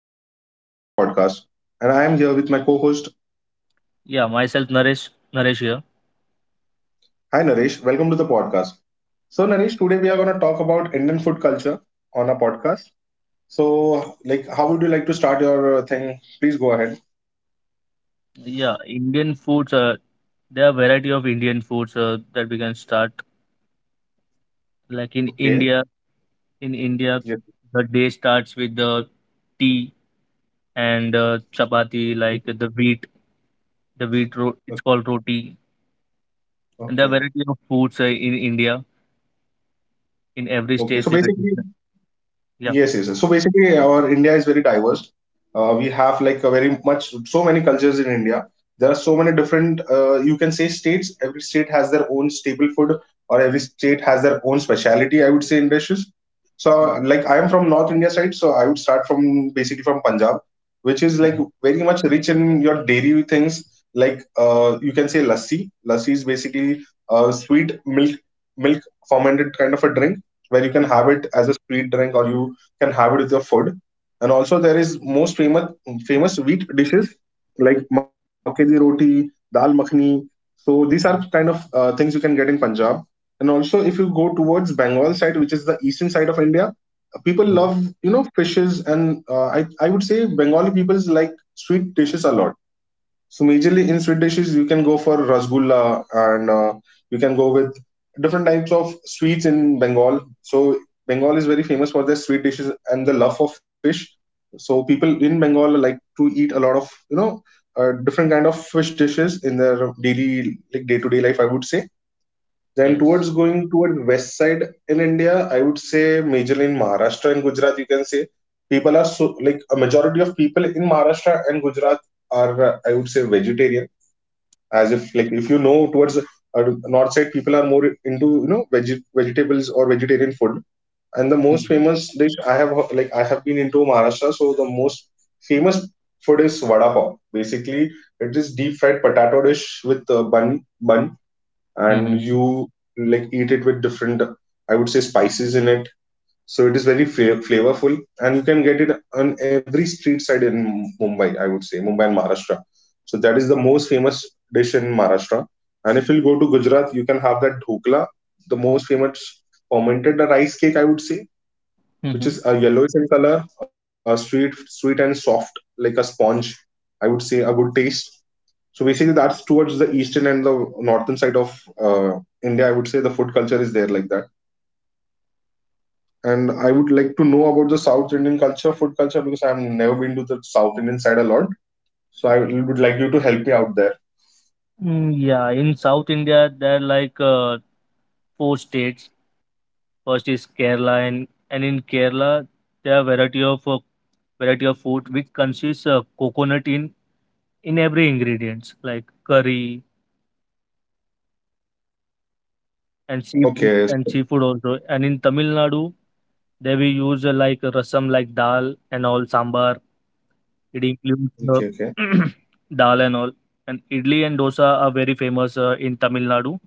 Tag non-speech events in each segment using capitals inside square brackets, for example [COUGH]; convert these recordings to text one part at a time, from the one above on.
your host for today's podcast. And I am here with my co host. Yeah, myself Naresh, Naresh here. Hi, Naresh. Welcome to the podcast. So, Naresh, today we are going to talk about Indian food culture on a podcast. So, like, how would you like to start your thing? Please go ahead. Yeah, Indian foods. There are variety of Indian foods that we can start. Like in Okay. India, in India, Yes. the day starts with the tea and chapati, like the wheat. It's Okay. called roti, and there are Okay. variety of foods in India. In every Okay. state, So, there are basically, different. Yeah. yes, yes, yes, so basically, our India is very diverse. We have like a very much so many cultures in India. There are so many different, you can say, states. Every state has their own staple food, or every state has their own specialty, I would say, in dishes. So like I am from North India side, so I would start from basically from Punjab, which is like Mhm. very much rich in your dairy things. Like you can say lassi. Lassi is basically sweet milk, milk, fermented kind of a drink where you can have it as a sweet drink or you can have it with your food. And also there is most famous wheat dishes like makke di roti, dal makhni. So these are kind of things you can get in Punjab. And also if you go towards Bengal side, which is the eastern side of India, people love you know fishes and I would say Bengali people like sweet dishes a lot, so majorly in sweet dishes, you can go for rasgulla, and you can go with different types of sweets in Bengal. So Bengal is very famous for their sweet dishes and the love for fish. So people in Bengal like to eat a lot of you know different kind of fish dishes in their daily, like day to day life, I would say. Then Yes. towards going towards west side in India, I would say majorly in Maharashtra and Gujarat, you can say people are so like a majority of people in Maharashtra and Gujarat are I would say vegetarian, as if like if you know towards north side people are more into you know vegetables or vegetarian food. And the Mm-hmm. most famous dish I have like I have been into Maharashtra, so the most famous food is vada pav. Basically it is deep fried potato dish with a bun bun, and Mm-hmm. you like eat it with different, I would say, spices in it. So it is very flavorful, and you can get it on every street side in Mumbai. I would say Mumbai and Maharashtra. So that is the most famous dish in Maharashtra. And if you go to Gujarat, you can have that dhokla, the most famous fermented rice cake, I would say, which Mm-hmm. is yellowish in color, sweet, sweet and soft like a sponge. I would say a good taste. So basically, that's towards the eastern and the northern side of uh, India. I would say the food culture is there like that, and I would like to know about the South Indian culture, food culture, because I've never been to the South Indian side a lot. So I would like you to help me out there. Yeah, in South India, there are like four states. First is Kerala, and in Kerala there are variety of food which consists coconut in every ingredients like curry Okay, and so — seafood also. And in Tamil Nadu there we use like rasam like dal and all sambar. It includes okay, okay. [CLEARS THROAT] dal and all. And idli and dosa are very famous in Tamil Nadu.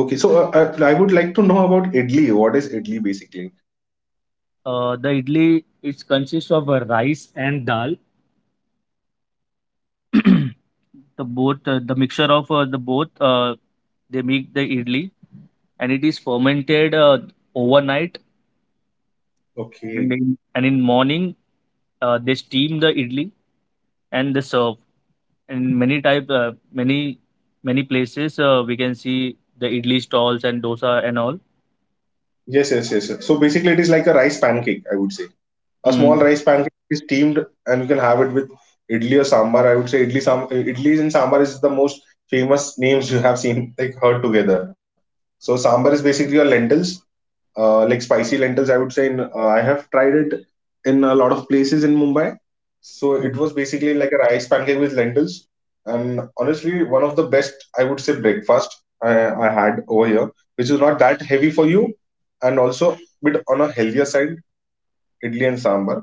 Okay. So I would like to know about idli. What is idli basically? The idli it consists of rice and dal. [CLEARS THROAT] The both, the mixture of the both, they make the idli and it is fermented overnight and Okay. in morning they steam the idli and they serve. And many type, many many places we can see the idli stalls and dosa and all. Yes, yes, yes, yes, so basically, it is like a rice pancake, I would say. A small Mm. rice pancake is steamed, and you can have it with idli or sambar. I would say idli sam idli and sambar is the most famous names you have seen, like heard together. So sambar is basically your lentils, like spicy lentils, I would say. I have tried it in a lot of places in Mumbai, so it Mhm. was basically like a rice pancake with lentils, and honestly one of the best, I would say, breakfast i, I had over here, which is not that heavy for you and also bit on a healthier side, idli and sambar.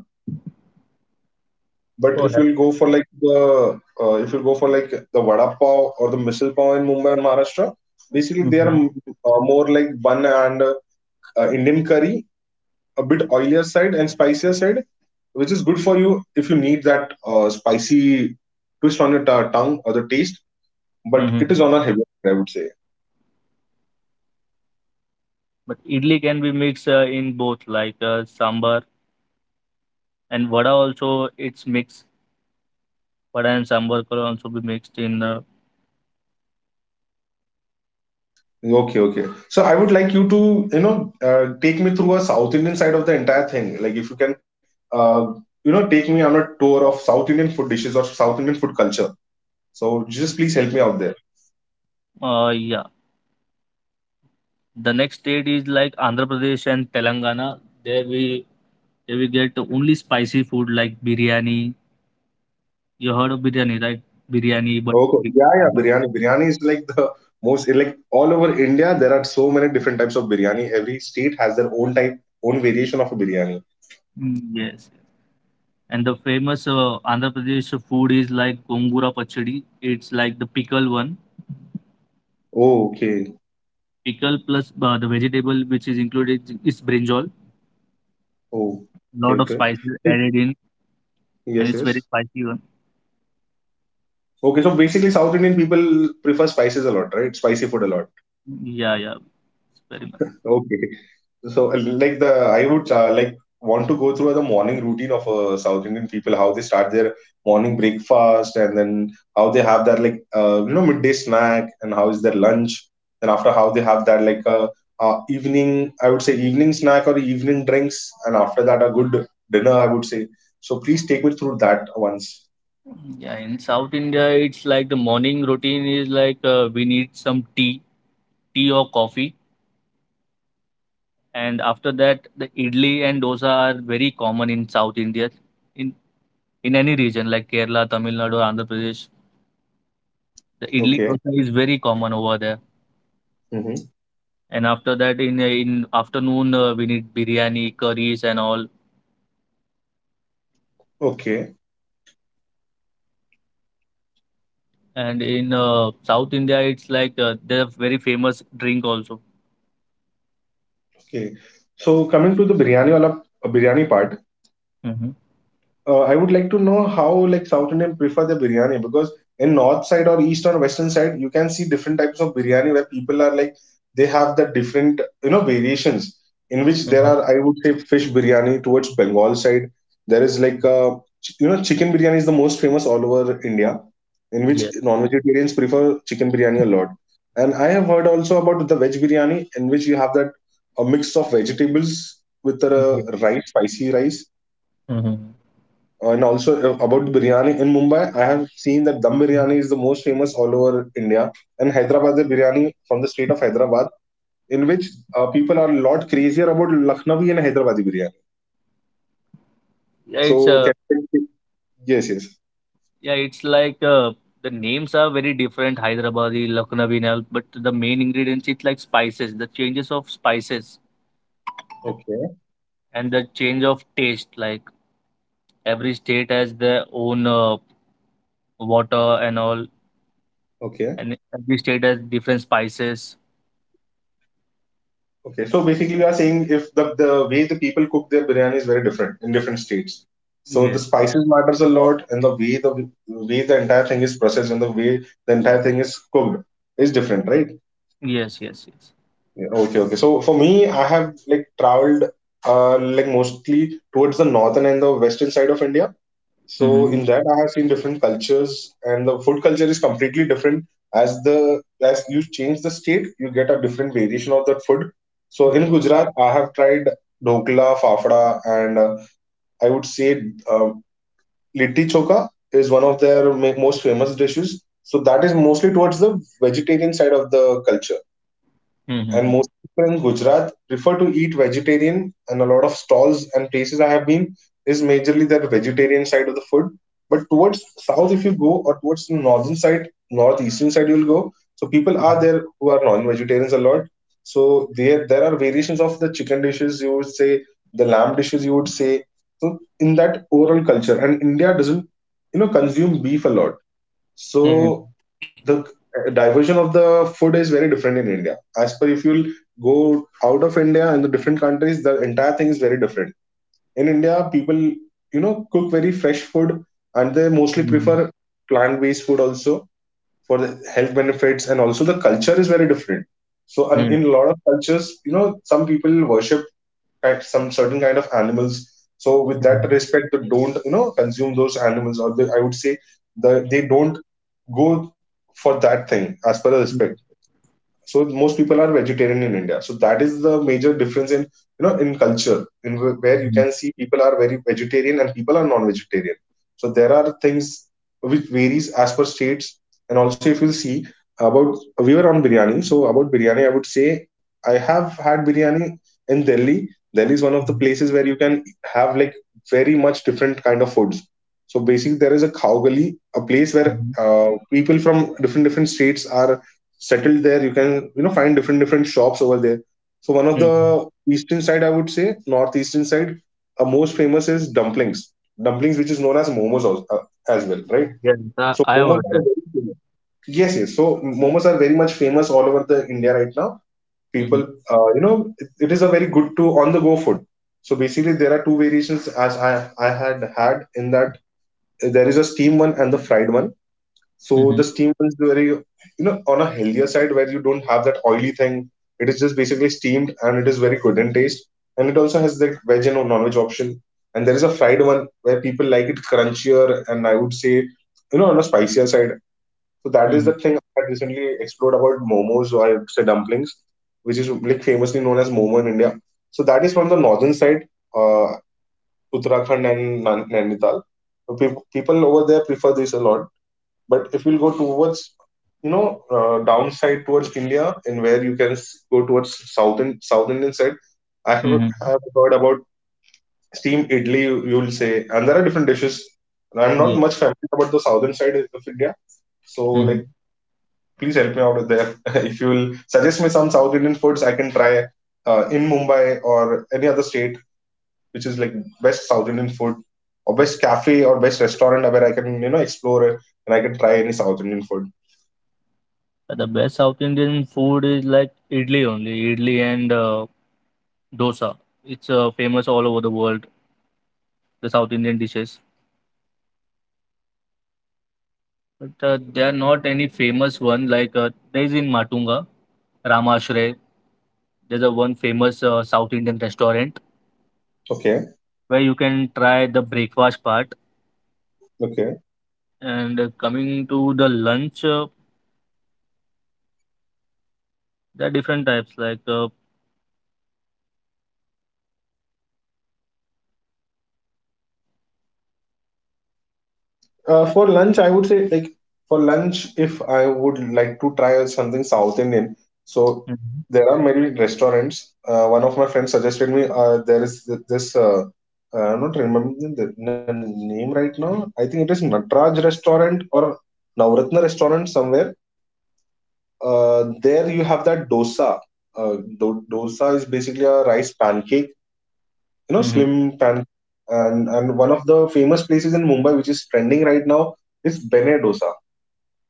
But So if you'll go for like the if you go for like the vada pav or the misal pav in Mumbai and Maharashtra, basically they are hmm more like bun and Indian curry, a bit oilier side and spicier side, which is good for you if you need that spicy twist on your ta tongue or the taste. But hmm it is on a heavier side, I would say. But idli can be mixed in both, like sambar and vada also. It's mixed. Vada and sambar can also be mixed in. Okay, okay. So I would like you to, you know, take me through a South Indian side of the entire thing. Like if you can, uh, you know, take me on a tour of South Indian food dishes or South Indian food culture. So just please help me out there. Yeah. The next state is like Andhra Pradesh and Telangana. There we there we get only spicy food like biryani. You heard of biryani, right? Biryani, but Okay. Yeah, yeah. Biryani. Biryani is like the most, like all over India, there are so many different types of biryani. Every state has their own type, own variation of a biryani. Yes. And the famous Andhra Pradesh food is like gongura pachadi. It's like the pickle one, Oh, okay. pickle plus the vegetable which is included is brinjal. Oh, okay, Lot of okay. spices So — added in, and yes, it's very yes. spicy one. Okay, so basically, South Indian people prefer spices a lot, right? Spicy food a lot. Yeah, yeah, it's very. Okay. So, like the I would like want to go through the morning routine of South Indian people, how they start their morning breakfast, and then how they have that like you know midday snack, and how is their lunch, and after how they have that like evening, I would say evening snack or evening drinks, and after that a good dinner, I would say. So please take me through that once. Yeah, in South India, it's like the morning routine is like we need some tea, tea or coffee, and after that, the idli and dosa are very common in South India, in in any region like Kerala, Tamil Nadu, Andhra Pradesh. The idli Okay. dosa is very common over there, Mm-hmm. and after that, in afternoon, we need biryani, curries, and all. Okay. And in South India, it's like they're very famous drink also. Okay. So coming to the biryani wala, biryani part. Mm-hmm. I would like to know how like South Indian prefer the biryani, because in north side or east or western side you can see different types of biryani where people are like they have the different you know variations, in which there Mm-hmm. are, I would say, fish biryani towards Bengal side. There is like you know chicken biryani is the most famous all over India, in which Yeah. non-vegetarians prefer chicken biryani a lot. And I have heard also about the veg biryani, in which you have that a mix of vegetables with the Yeah. rice, spicy rice. Mm-hmm. And also about the biryani in Mumbai, I have seen that dum biryani is the most famous all over India, and Hyderabad biryani from the state of Hyderabad, in which people are a lot crazier about Lucknowi and Hyderabadi biryani. Yeah, it's So a. can — yes, yes. Yeah, it's like the names are very different, Hyderabadi, Lucknowi and all, but the main ingredients it's like spices, the changes of spices Okay, and the change of taste. Like every state has their own water and all, okay, and every state has different spices. okay. So basically, we are saying if the way the people cook their biryani is very different in different states. So the Yes, spices matters a lot, and the way the way the entire thing is processed and the way the entire thing is cooked is different, right? yes, yes, yes. Yeah, okay, okay. So for me, I have like traveled like mostly towards the northern and the western side of India. So Mm-hmm. in that I have seen different cultures, and the food culture is completely different. As the as you change the state, you get a different variation of that food. So in Gujarat, I have tried dhokla, fafda, and I would say uh, litti choka is one of their most famous dishes. So that is mostly towards the vegetarian side of the culture, and Mm-hmm. most people in Gujarat prefer to eat vegetarian. And a lot of stalls and places I have been is majorly that vegetarian side of the food. But towards south, if you go, or towards the northern side, northeastern side, you'll go, so people are there who are non-vegetarians a lot. So there are variations of the chicken dishes, you would say, the lamb dishes, you would say. So in that overall culture, and India doesn't you know consume beef a lot. Mm-hmm. So the diversion of the food is very different in India. As per if you'll go out of India, in the different countries, the entire thing is very different. In India, people you know cook very fresh food, and they mostly prefer plant-based food also for the health benefits, and also the culture is very different. So and Mm-hmm. in a lot of cultures, you know, some people worship kind some certain kind of animals. So with that Mm-hmm. respect, they don't consume those animals, or they, I would say they don't go for that thing as per the respect. So most people are vegetarian in India, so that is the major difference in in culture, in where you Mm-hmm. can see people are very vegetarian and people are non-vegetarian. So there are things which varies as per states. And also if you see about, we were on biryani, so about biryani, I would say I have had biryani in Delhi. Delhi is one of the places where you can have like very much different kind of foods. So basically there is a khao, a place where uh, people from different different states are settled there. You can find different different shops over there. So one of the Mm-hmm. eastern side, I would say northeastern side, most famous is dumplings. Dumplings, which is known as momos as well, right? Yes, I, So I've momos heard are that. very famous. Yes, yes, so momos are very much famous all over the India right now. People Mm-hmm. You know, it is a very good to on the go food. So basically there are two variations, as I had had in that. There is a steam one and the fried one. So the Mm-hmm. steam one is very, you know, on a healthier side where you don't have that oily thing. It is just basically steamed and it is very good in taste. And it also has that veg and non-veg option. And there is a fried one where people like it crunchier and I would say, you know, on a spicier side. So that is Mm-hmm. the thing I had recently explored about momos, or I would say dumplings, which is like famously known as momo in India. So that is from the northern side, uh, Uttarakhand and Nainital. So people over there prefer this a lot. But if we'll go towards, you know, downside towards India, and where you can go towards southern South Indian side, I have, Mm-hmm. I have heard about steam idli, you will say, and there are different dishes. And I'm not Yeah. much familiar about the southern side of India, so Mm-hmm. like please help me out with there. [LAUGHS] If you will suggest me some South Indian foods, I can try in Mumbai or any other state, which is like best South Indian food or best cafe or best restaurant where I can explore and I can try any South Indian food. The best South Indian food is like idli only, idli and dosa. It's famous all over the world, the South Indian dishes. But there are not any famous one like there is in Matunga, Ramashre. There's a one famous South Indian restaurant Okay. where you can try the breakfast part. Okay. And coming to the lunch, there are different types like uh. For lunch, I would say like for lunch, if I would like to try something South Indian, so Mm-hmm. there are many restaurants. One of my friends suggested me there is this. I'm not remembering the name right now. I think it is Natraj restaurant or Navratna restaurant somewhere. There you have that dosa. Uh, dosa is basically a rice pancake, you know, slim pan. And one of the famous places in Mumbai which is trending right now is Bene Dosa.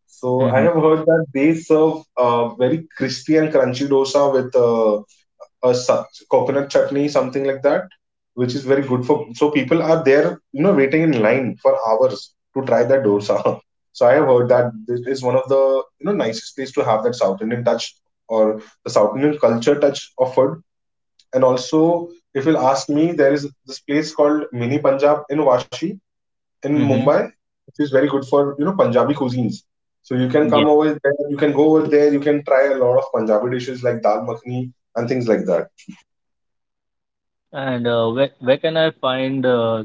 So I Mm-hmm. have heard that they serve very crispy and crunchy dosa with coconut chutney, something like that, which is very good for. So people are there, you know, waiting in line for hours to try that dosa. [LAUGHS] So I have heard that this is one of the you know nicest place to have that South Indian touch or the South Indian culture touch of food. And also, if you'll ask me, there is this place called Mini Punjab in Washi in Mm-hmm. Hmm. Mumbai, which is very good for you know Punjabi cuisines. So you can Yeah. come over there, you can go over there, you can try a lot of Punjabi dishes like dal makhani and things like that. And where can I find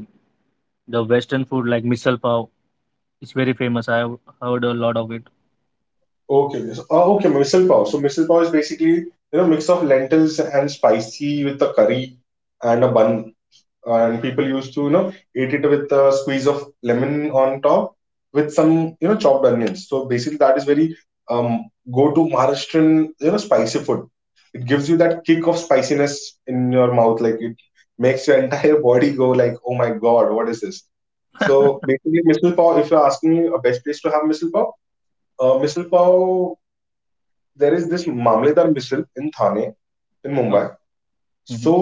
the Western food like misal pav is very famous. I have heard a lot of it. Okay, so, okay, misal pav. So misal pav is basically you know mix of lentils and spicy with a curry and a bun, and people used to you know eat it with a squeeze of lemon on top with some you know chopped onions. So basically that is very um go to Maharashtrian, you know, spicy food. It gives you that kick of spiciness in your mouth, like it makes your [LAUGHS] entire body go like, oh my god, what is this. So basically misal pav, if you're asking me a best place to have misal pav, misal pav, there is this Mamledar Misal in Thane in Mumbai. So Okay.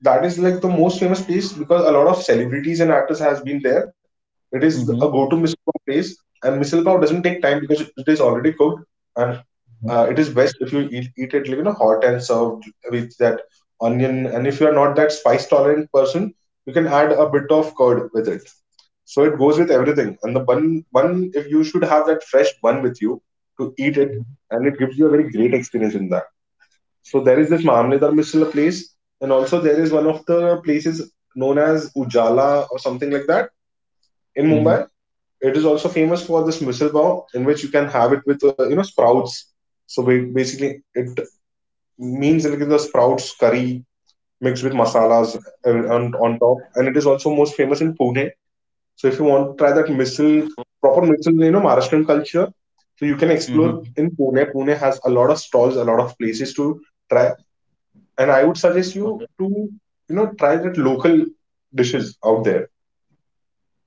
that is like the most famous place because a lot of celebrities and actors has been there. It is a Hmm. go-to misal pav place, and misal pav doesn't take time because it is already cooked. And Hmm. It is best if you eat it like you know hot and served with that onion. And if you are not that spice tolerant person, you can add a bit of curd with it. So it goes with everything. And the bun, if you should have that fresh bun with you to eat it, and it gives you a very great experience in that. So there is this Mamledar Misla place, and also there is one of the places known as Ujala or something like that in Hmm. Mumbai. It is also famous for this misal pav, in which you can have it with you know sprouts. So basically, it means like the sprouts curry mixed with masalas on top, and it is also most famous in Pune. So if you want to try that misal, proper misal, you know, Maharashtrian culture, so you can Mhm, explore in Pune. Pune has a lot of stalls, a lot of places to try, and I would okay. suggest you to you know try that local dishes out there,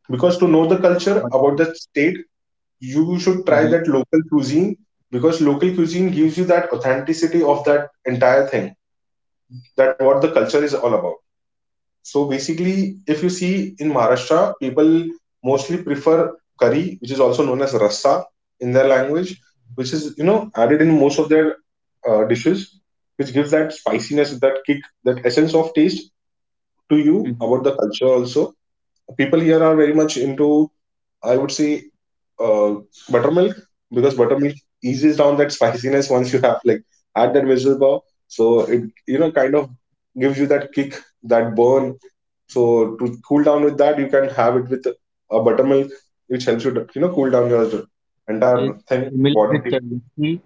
because to know the culture about the state, you Mhm, should try that local cuisine, because local cuisine gives you that authenticity of that entire thing, that what the culture is all about. So basically, if you see in Maharashtra, people mostly prefer curry, which is also known as rassa in their language, which is you know added in most of their dishes, which gives that spiciness, that kick, that essence of taste to mhm. you about the culture also. People here are very much into, I would say, uh, buttermilk, because buttermilk eases down that spiciness once you have like add that vegetable power. So it you know kind of gives you that kick, that burn. So to cool down with that, you can have it with a buttermilk, which helps you to, you know, cool down your It's entire thing similar with body. the lassi,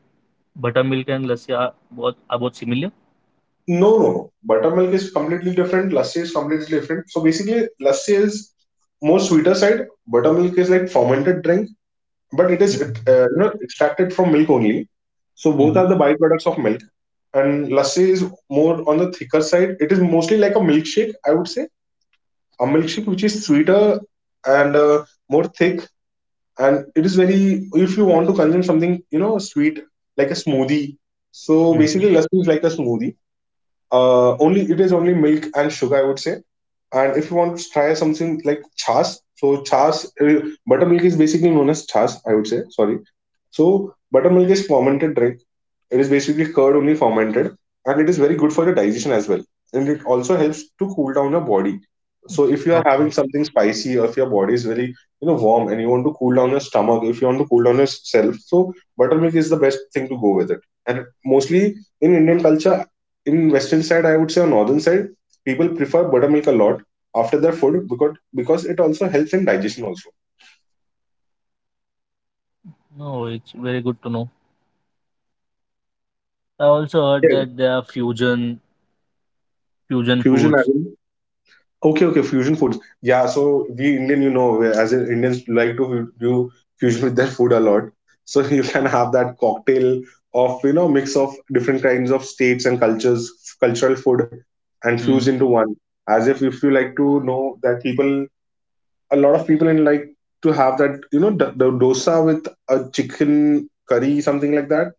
buttermilk and lassi are both similar. No, no, no. Buttermilk is completely different. Lassi is completely different. So basically, lassi is more sweeter side. Buttermilk is like fermented drink, but it is Mm-hmm. you know extracted from milk only. So both are Mm-hmm. the byproducts of milk. And lassi is more on the thicker side. It is mostly like a milkshake, I would say, a milkshake which is sweeter and more thick. And it is very if you want to consume something you know sweet, like a smoothie. So basically, Mm-hmm. lassi is like a smoothie, only, it is only milk and sugar, I would say. And if you want to try something like chas, so chas, buttermilk is basically known as chas, I would say, sorry. So buttermilk is fermented drink. It is basically curd only fermented, and it is very good for the digestion as well. And it also helps to cool down your body. So if you are Okay. having something spicy, or if your body is very you know warm and you want to cool down your stomach, if you want to cool down yourself, so buttermilk is the best thing to go with it. And mostly in Indian culture, in western side I would say or northern side, people prefer buttermilk a lot after their food, because it also helps in digestion also. No, it's very good to know. I also heard Yeah, that there are fusion fusion. foods. Okay, okay, fusion foods. Yeah, so we Indian, you know, as in Indians like to do fusion with their food a lot. So [LAUGHS] you can have that cocktail of, you know, mix of different kinds of states and cultures, cultural food, and fuse Mm. into one. As if you like to know that people, a lot of people in like to have that, you know, the dosa with a chicken curry, something like that,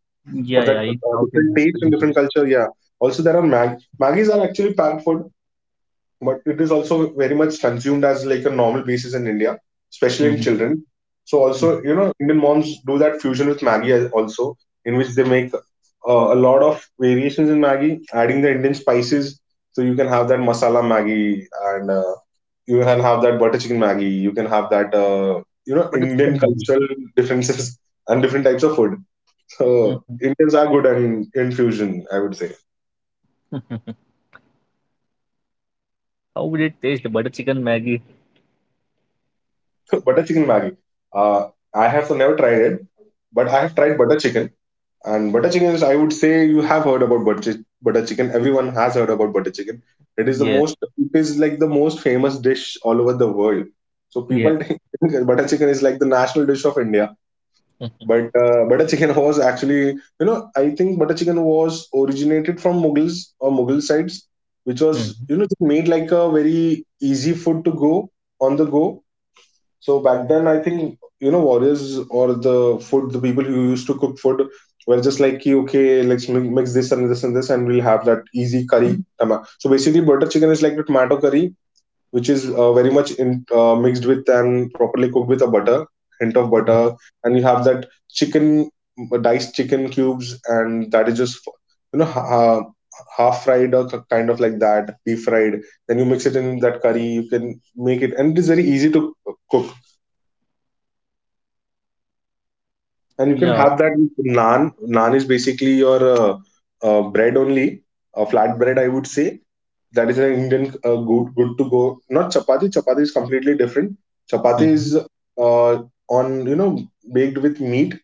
for Yeah, that yeah, it's South different Indian taste and different tradition. culture. Yeah. Also, there are Maggies are actually packed food, but it is also very much consumed as like a normal basis in India, especially in Mm-hmm. children. So Mm-hmm. also, you know, Indian moms do that fusion with Maggi also, in which they make a lot of variations in Maggi, adding the Indian spices. So you can have that masala Maggi, and you can have that butter chicken Maggi. You can have that, you know, Butter Indian chicken Maggi. cultural differences [LAUGHS] and different types of food. Mm-hmm. So Indians are good in fusion, I would say. [LAUGHS] How would it taste? Butter chicken Maggi. [LAUGHS] Butter chicken Maggi. Uh, I have so never tried it, but I have tried butter chicken. And butter chicken is, I would say, you have heard about butter, butter chicken. Everyone has heard about butter chicken. It is the Yes. most, it is like the most famous dish all over the world. So Yeah. people [LAUGHS] think butter chicken is like the national dish of India. [LAUGHS] But butter chicken was actually, I think butter chicken was originated from Mughals or Mughal sides, which was, Mm-hmm. you know, made like a very easy food to go on the go. So back then, I think warriors or the food, the people who used to cook food were just like, "Ki, okay, let's mix this and this and this, and we'll have that easy curry. Tama." So basically, butter chicken is like the tomato curry, which is very much in, mixed with and properly cooked with a butter, hint of butter, and you have that chicken, diced chicken cubes, and that is just you know ha- half fried or kind of like that, deep fried. Then you mix it in that curry. You can make it, and it is very easy to cook. And you can Yeah. have that with naan. Naan is basically your bread only, a flat bread, I would say. That is an Indian good good to go. Not chapati. Chapati is completely different. Chapati Mm-hmm. is on you know baked with meat,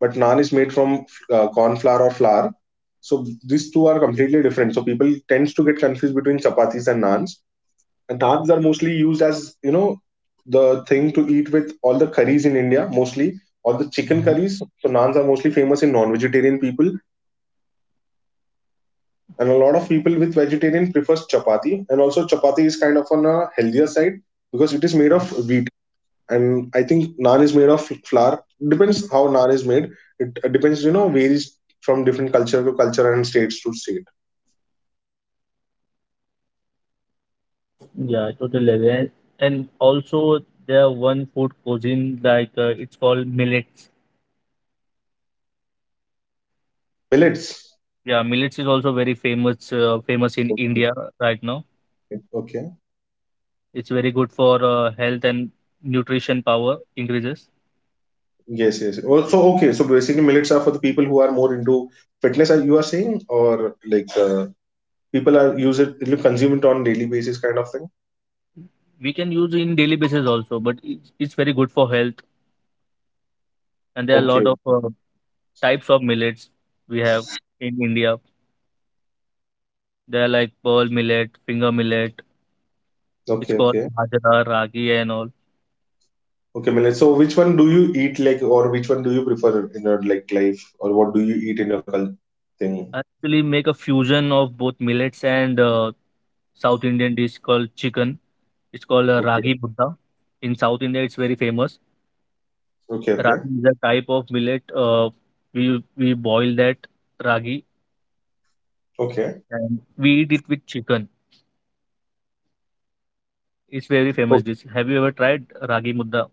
but naan is made from corn flour or flour. So these two are completely different. So people tends to get confused between chapatis and naans. And dals are mostly used as, you know, the thing to eat with all the curries in India, mostly all the chicken curries. So naans are mostly famous in non-vegetarian people, and a lot of people with vegetarian prefers chapati. And also chapati is kind of on a healthier side because it is made of wheat, and I think naan is made of flour. Depends how naan is made. It depends, you know, varies from different culture to culture and states to state. Yeah, I totally agree. And also there are one food cuisine like it's called millets. Millets. Yeah, millets is also very famous in Okay. India right now. Okay. It's very good for health and nutrition power increases. Yes, yes. Oh, so okay. So basically, millets are for the people who are more into fitness. Are you are saying, or like people are use it, you consume it on daily basis, kind of thing. We can use in daily basis also, but it's very good for health. And there are a lot Okay, of types of millets we have in India. They are like pearl millet, finger millet. It's okay, called okay, bajra, ragi, and all. okay. Millets. So which one do you eat, like, or which one do you prefer in your like life, or what do you eat in your thing? Actually, make a fusion of both millets and South Indian dish called chicken. It's called Okay, ragi buddha. In South India, it's very famous. okay, okay, Ragi is a type of millet. We boil that ragi okay. and we eat it with chicken. It's very famous Oh, dish. Have you ever tried ragi buddha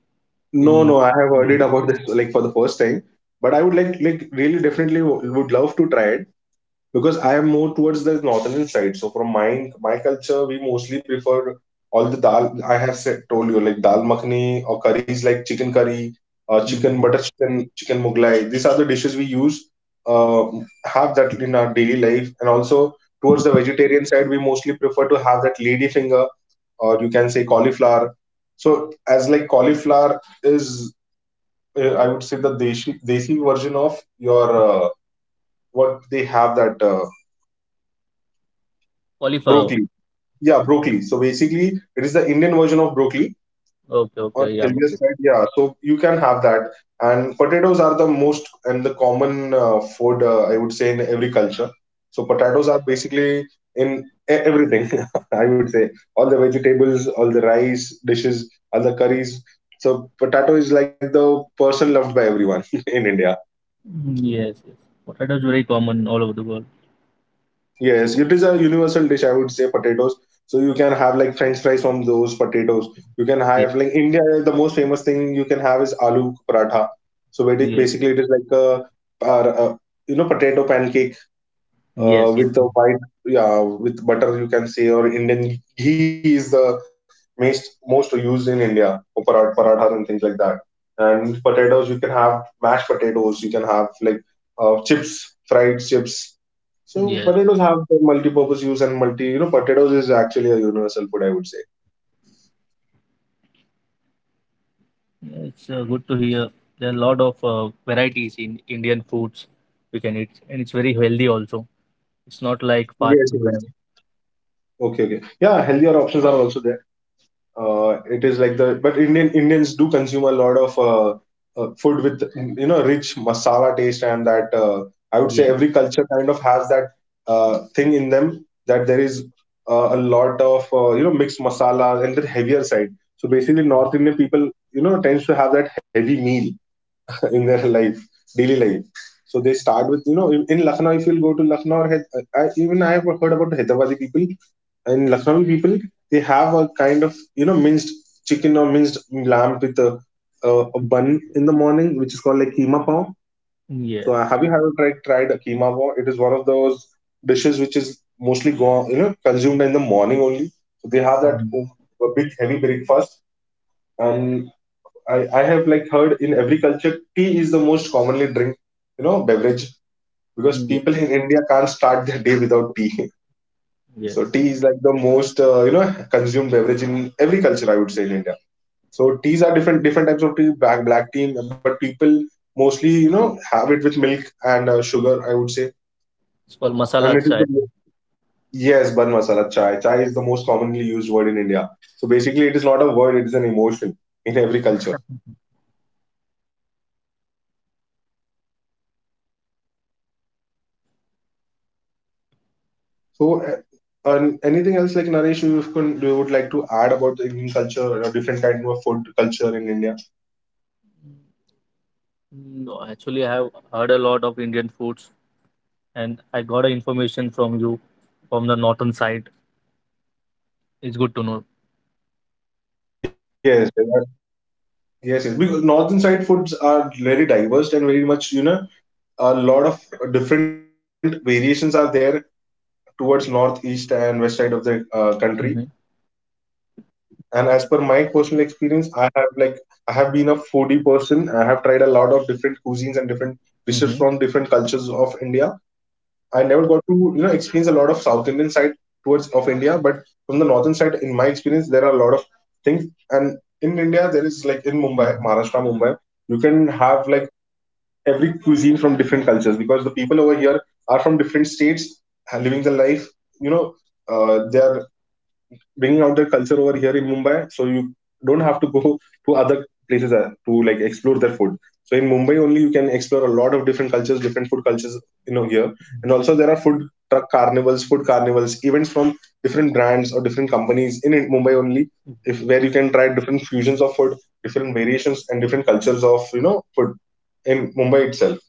no, in no. I have heard it something? about this like for the first time, but I would like really definitely would love to try it because I am more towards the northern side. So from my culture, we mostly prefer all the dal. I have said, told you like dal makhani or curries like chicken curry, India? chicken Mhm. butter chicken, chicken mughlai. These are the dishes we use. Uh, have that in our daily life, and also towards the vegetarian side, we mostly prefer to have that lady finger, or you can say cauliflower. So as like cauliflower is, I would say the desi version of your what they have that. Cauliflower. Broccoli. Yeah, broccoli. So basically, it is the Indian version of broccoli Okay, on okay, yeah, got healthier it. side. Yeah, so you can have that. And potatoes are the most and the common food I would say in every culture. So potatoes are basically in everything. [LAUGHS] I would say all the vegetables, all the rice dishes, all the curries. So potato is like the person loved by everyone [LAUGHS] in India. Mm, yes, yes. Potatoes very common all over the world. Yes, it is a universal dish, I would say, potatoes. So you can have like French fries from those potatoes. You can Yes, have like India, the most famous thing you can have is aloo paratha. So yes, basically, it is like a, par- uh you know potato pancake yes, yes. with the white, yeah, with butter you can say, or Indian ghee is the most used in India for parathas and things like that. And potatoes, you can have mashed potatoes, you can have like chips, fried chips. So Yes. potatoes have a multi-purpose use and multi, you know, potatoes is actually a universal food, I would say. Yeah, it's good to hear. There are a lot of varieties in Indian foods we can eat, and it's very healthy also. It's not like fast Yes, it food. And, is. Okay, okay. Yeah, healthier options are also there. It is like the but Indian Indians do consume a lot of food with rich masala taste and that I would say yeah, every culture kind of has that thing in them, that there is a lot of mixed masala and the heavier side. So basically, North Indian people, you know, tends to have that heavy meal in their life, daily life. So they start with, you know, in Lucknow, if you'll go to Lucknow or I, even I have heard about Hyderabadi people and Lucknowi people, they have a kind of, you know, minced chicken or minced lamb with a bun in the morning, which is called like keema pav. yes, So have you ever tried a keema pav? It is one of those dishes which is mostly go, you know, consumed in the morning only. So they have that mhm. A big heavy breakfast, and I have like heard in every culture tea is the most commonly drink, beverage, because Yeah, people in India can't start their day without tea. [LAUGHS] yes. So tea is like the most consumed beverage in every culture, I would say, in India. So teas are different different types of tea, black tea, but people mostly, you know, have it with milk and sugar, I would say, It's called and masala it is the chai. Yes, bun masala chai, chai is the most commonly used word in India. So basically, it is not a word, it is an emotion in every culture. So, and anything else like, Naresh, you can, you would like to add about the Indian culture or different kind of food culture in India? No, actually, I have heard a lot of Indian foods, and I got a information from you from the northern side. It's good to know. Yes, there yes, yes. Because northern side foods are very diverse and very much, you know, a lot of different variations are there towards north, east, and west side of the country. Hmm. And as per my personal experience, I have like I have been a foodie person. I have tried a lot of different cuisines and different Hmm. dishes from different cultures of India. I never got to, you know, experience a lot of South Indian side towards of India, but from the northern side, in my experience, there are a lot of things. And in India, there is like in Mumbai, Hmm. Maharashtra, Mumbai, you can have like every cuisine from different cultures because the people over here are from different states, are living the life. You know, they are bringing out their culture over here in Mumbai. So you don't have to go to other places to like explore their food. So in Mumbai only, you can explore a lot of different cultures, different food cultures, you know, here. And also there are food truck carnivals, food carnivals, events from different brands or different companies in Mumbai only, if where you can try different fusions of food, different variations and different cultures of, you know, food in Mumbai itself.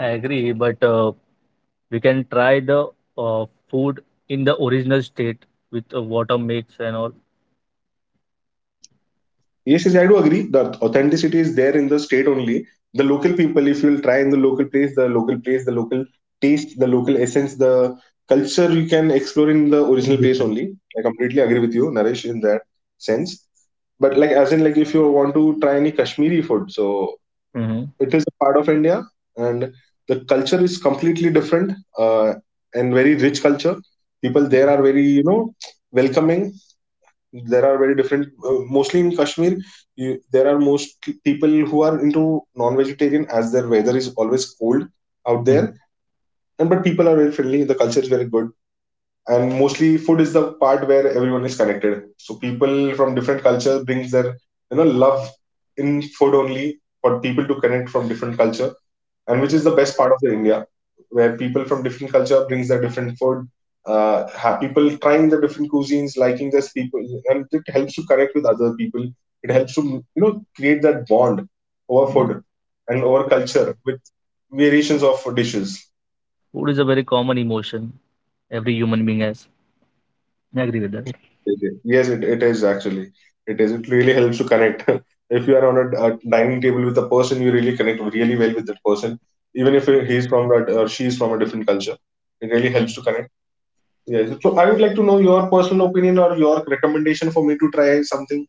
I agree, but we can try the uh, food in the original state with water mix and all. Yes, yes, I do agree. The authenticity is there in the state only. The local people, if you'll try in the local place, the local place, the local taste, the local essence, the culture you can explore in the Totally original place different. only. I completely agree with you, Naresh, in that sense. But like as in like if you want to try any Kashmiri food, so Mhm, it is a part of India and the culture is completely different and very rich culture. People mhm, there are very, you know, welcoming. There are very different mostly in Kashmir, you, there are most people who are into non-vegetarian as their weather is always cold out there, mhm. and but people are very friendly, the culture is very good, and mostly food is the part where everyone is connected. So people from different cultures brings their, you know, love in food only for people to connect from different culture, and which Yeah. is the best part of the India, where people from different culture brings their different food. Have people trying the different cuisines, liking this people, and it helps to connect with other people. It Mm, helps to, you know, create that bond over mm. food and over Food culture with variations of dishes. Food is a very common emotion every human being has. I agree with that. Yes, it is actually. It is. It really helps to connect. [LAUGHS] If you are on a dining table with a person, you really connect really well with that person, even if he is from a, or she is from a different culture. It really helps Mm. to connect. Yes. So I would like to know your personal opinion or your recommendation for me to try something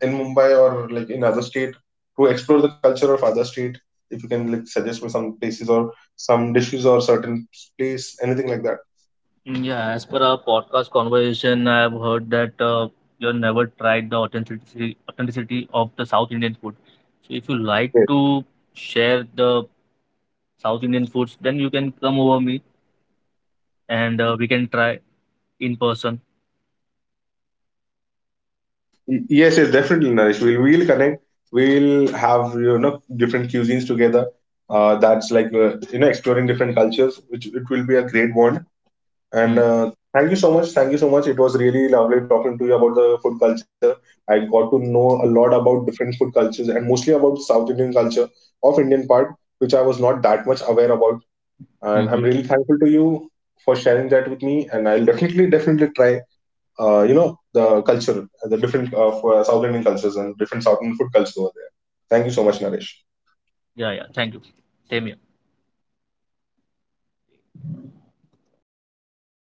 in Mumbai or like in other state to explore the culture of other state. If you can like suggest me some places or some dishes or certain place, anything like that. Yeah, as per our podcast conversation, I have heard that you never tried the authenticity of the South Indian food. So if you like Yes, to share the South Indian foods, then you can come over me and we can try in person. Yes, yes, definitely, Naresh. We'll connect. We'll have, you know, different cuisines together. That's like you know, exploring different cultures, which it will be a great bond. And thank you so much. Thank you so much. It was really lovely talking to you about the food culture. I got to know a lot about different food cultures and mostly about South Indian culture of Indian part, which I was not that much aware about. And Mm-hmm. I'm really thankful to you for sharing that with me. And I'll definitely, definitely try, you know, the culture, the different South Indian cultures and different South Indian food cultures over there. Thank you so much, Naresh. Yeah, yeah. Thank you. Same here.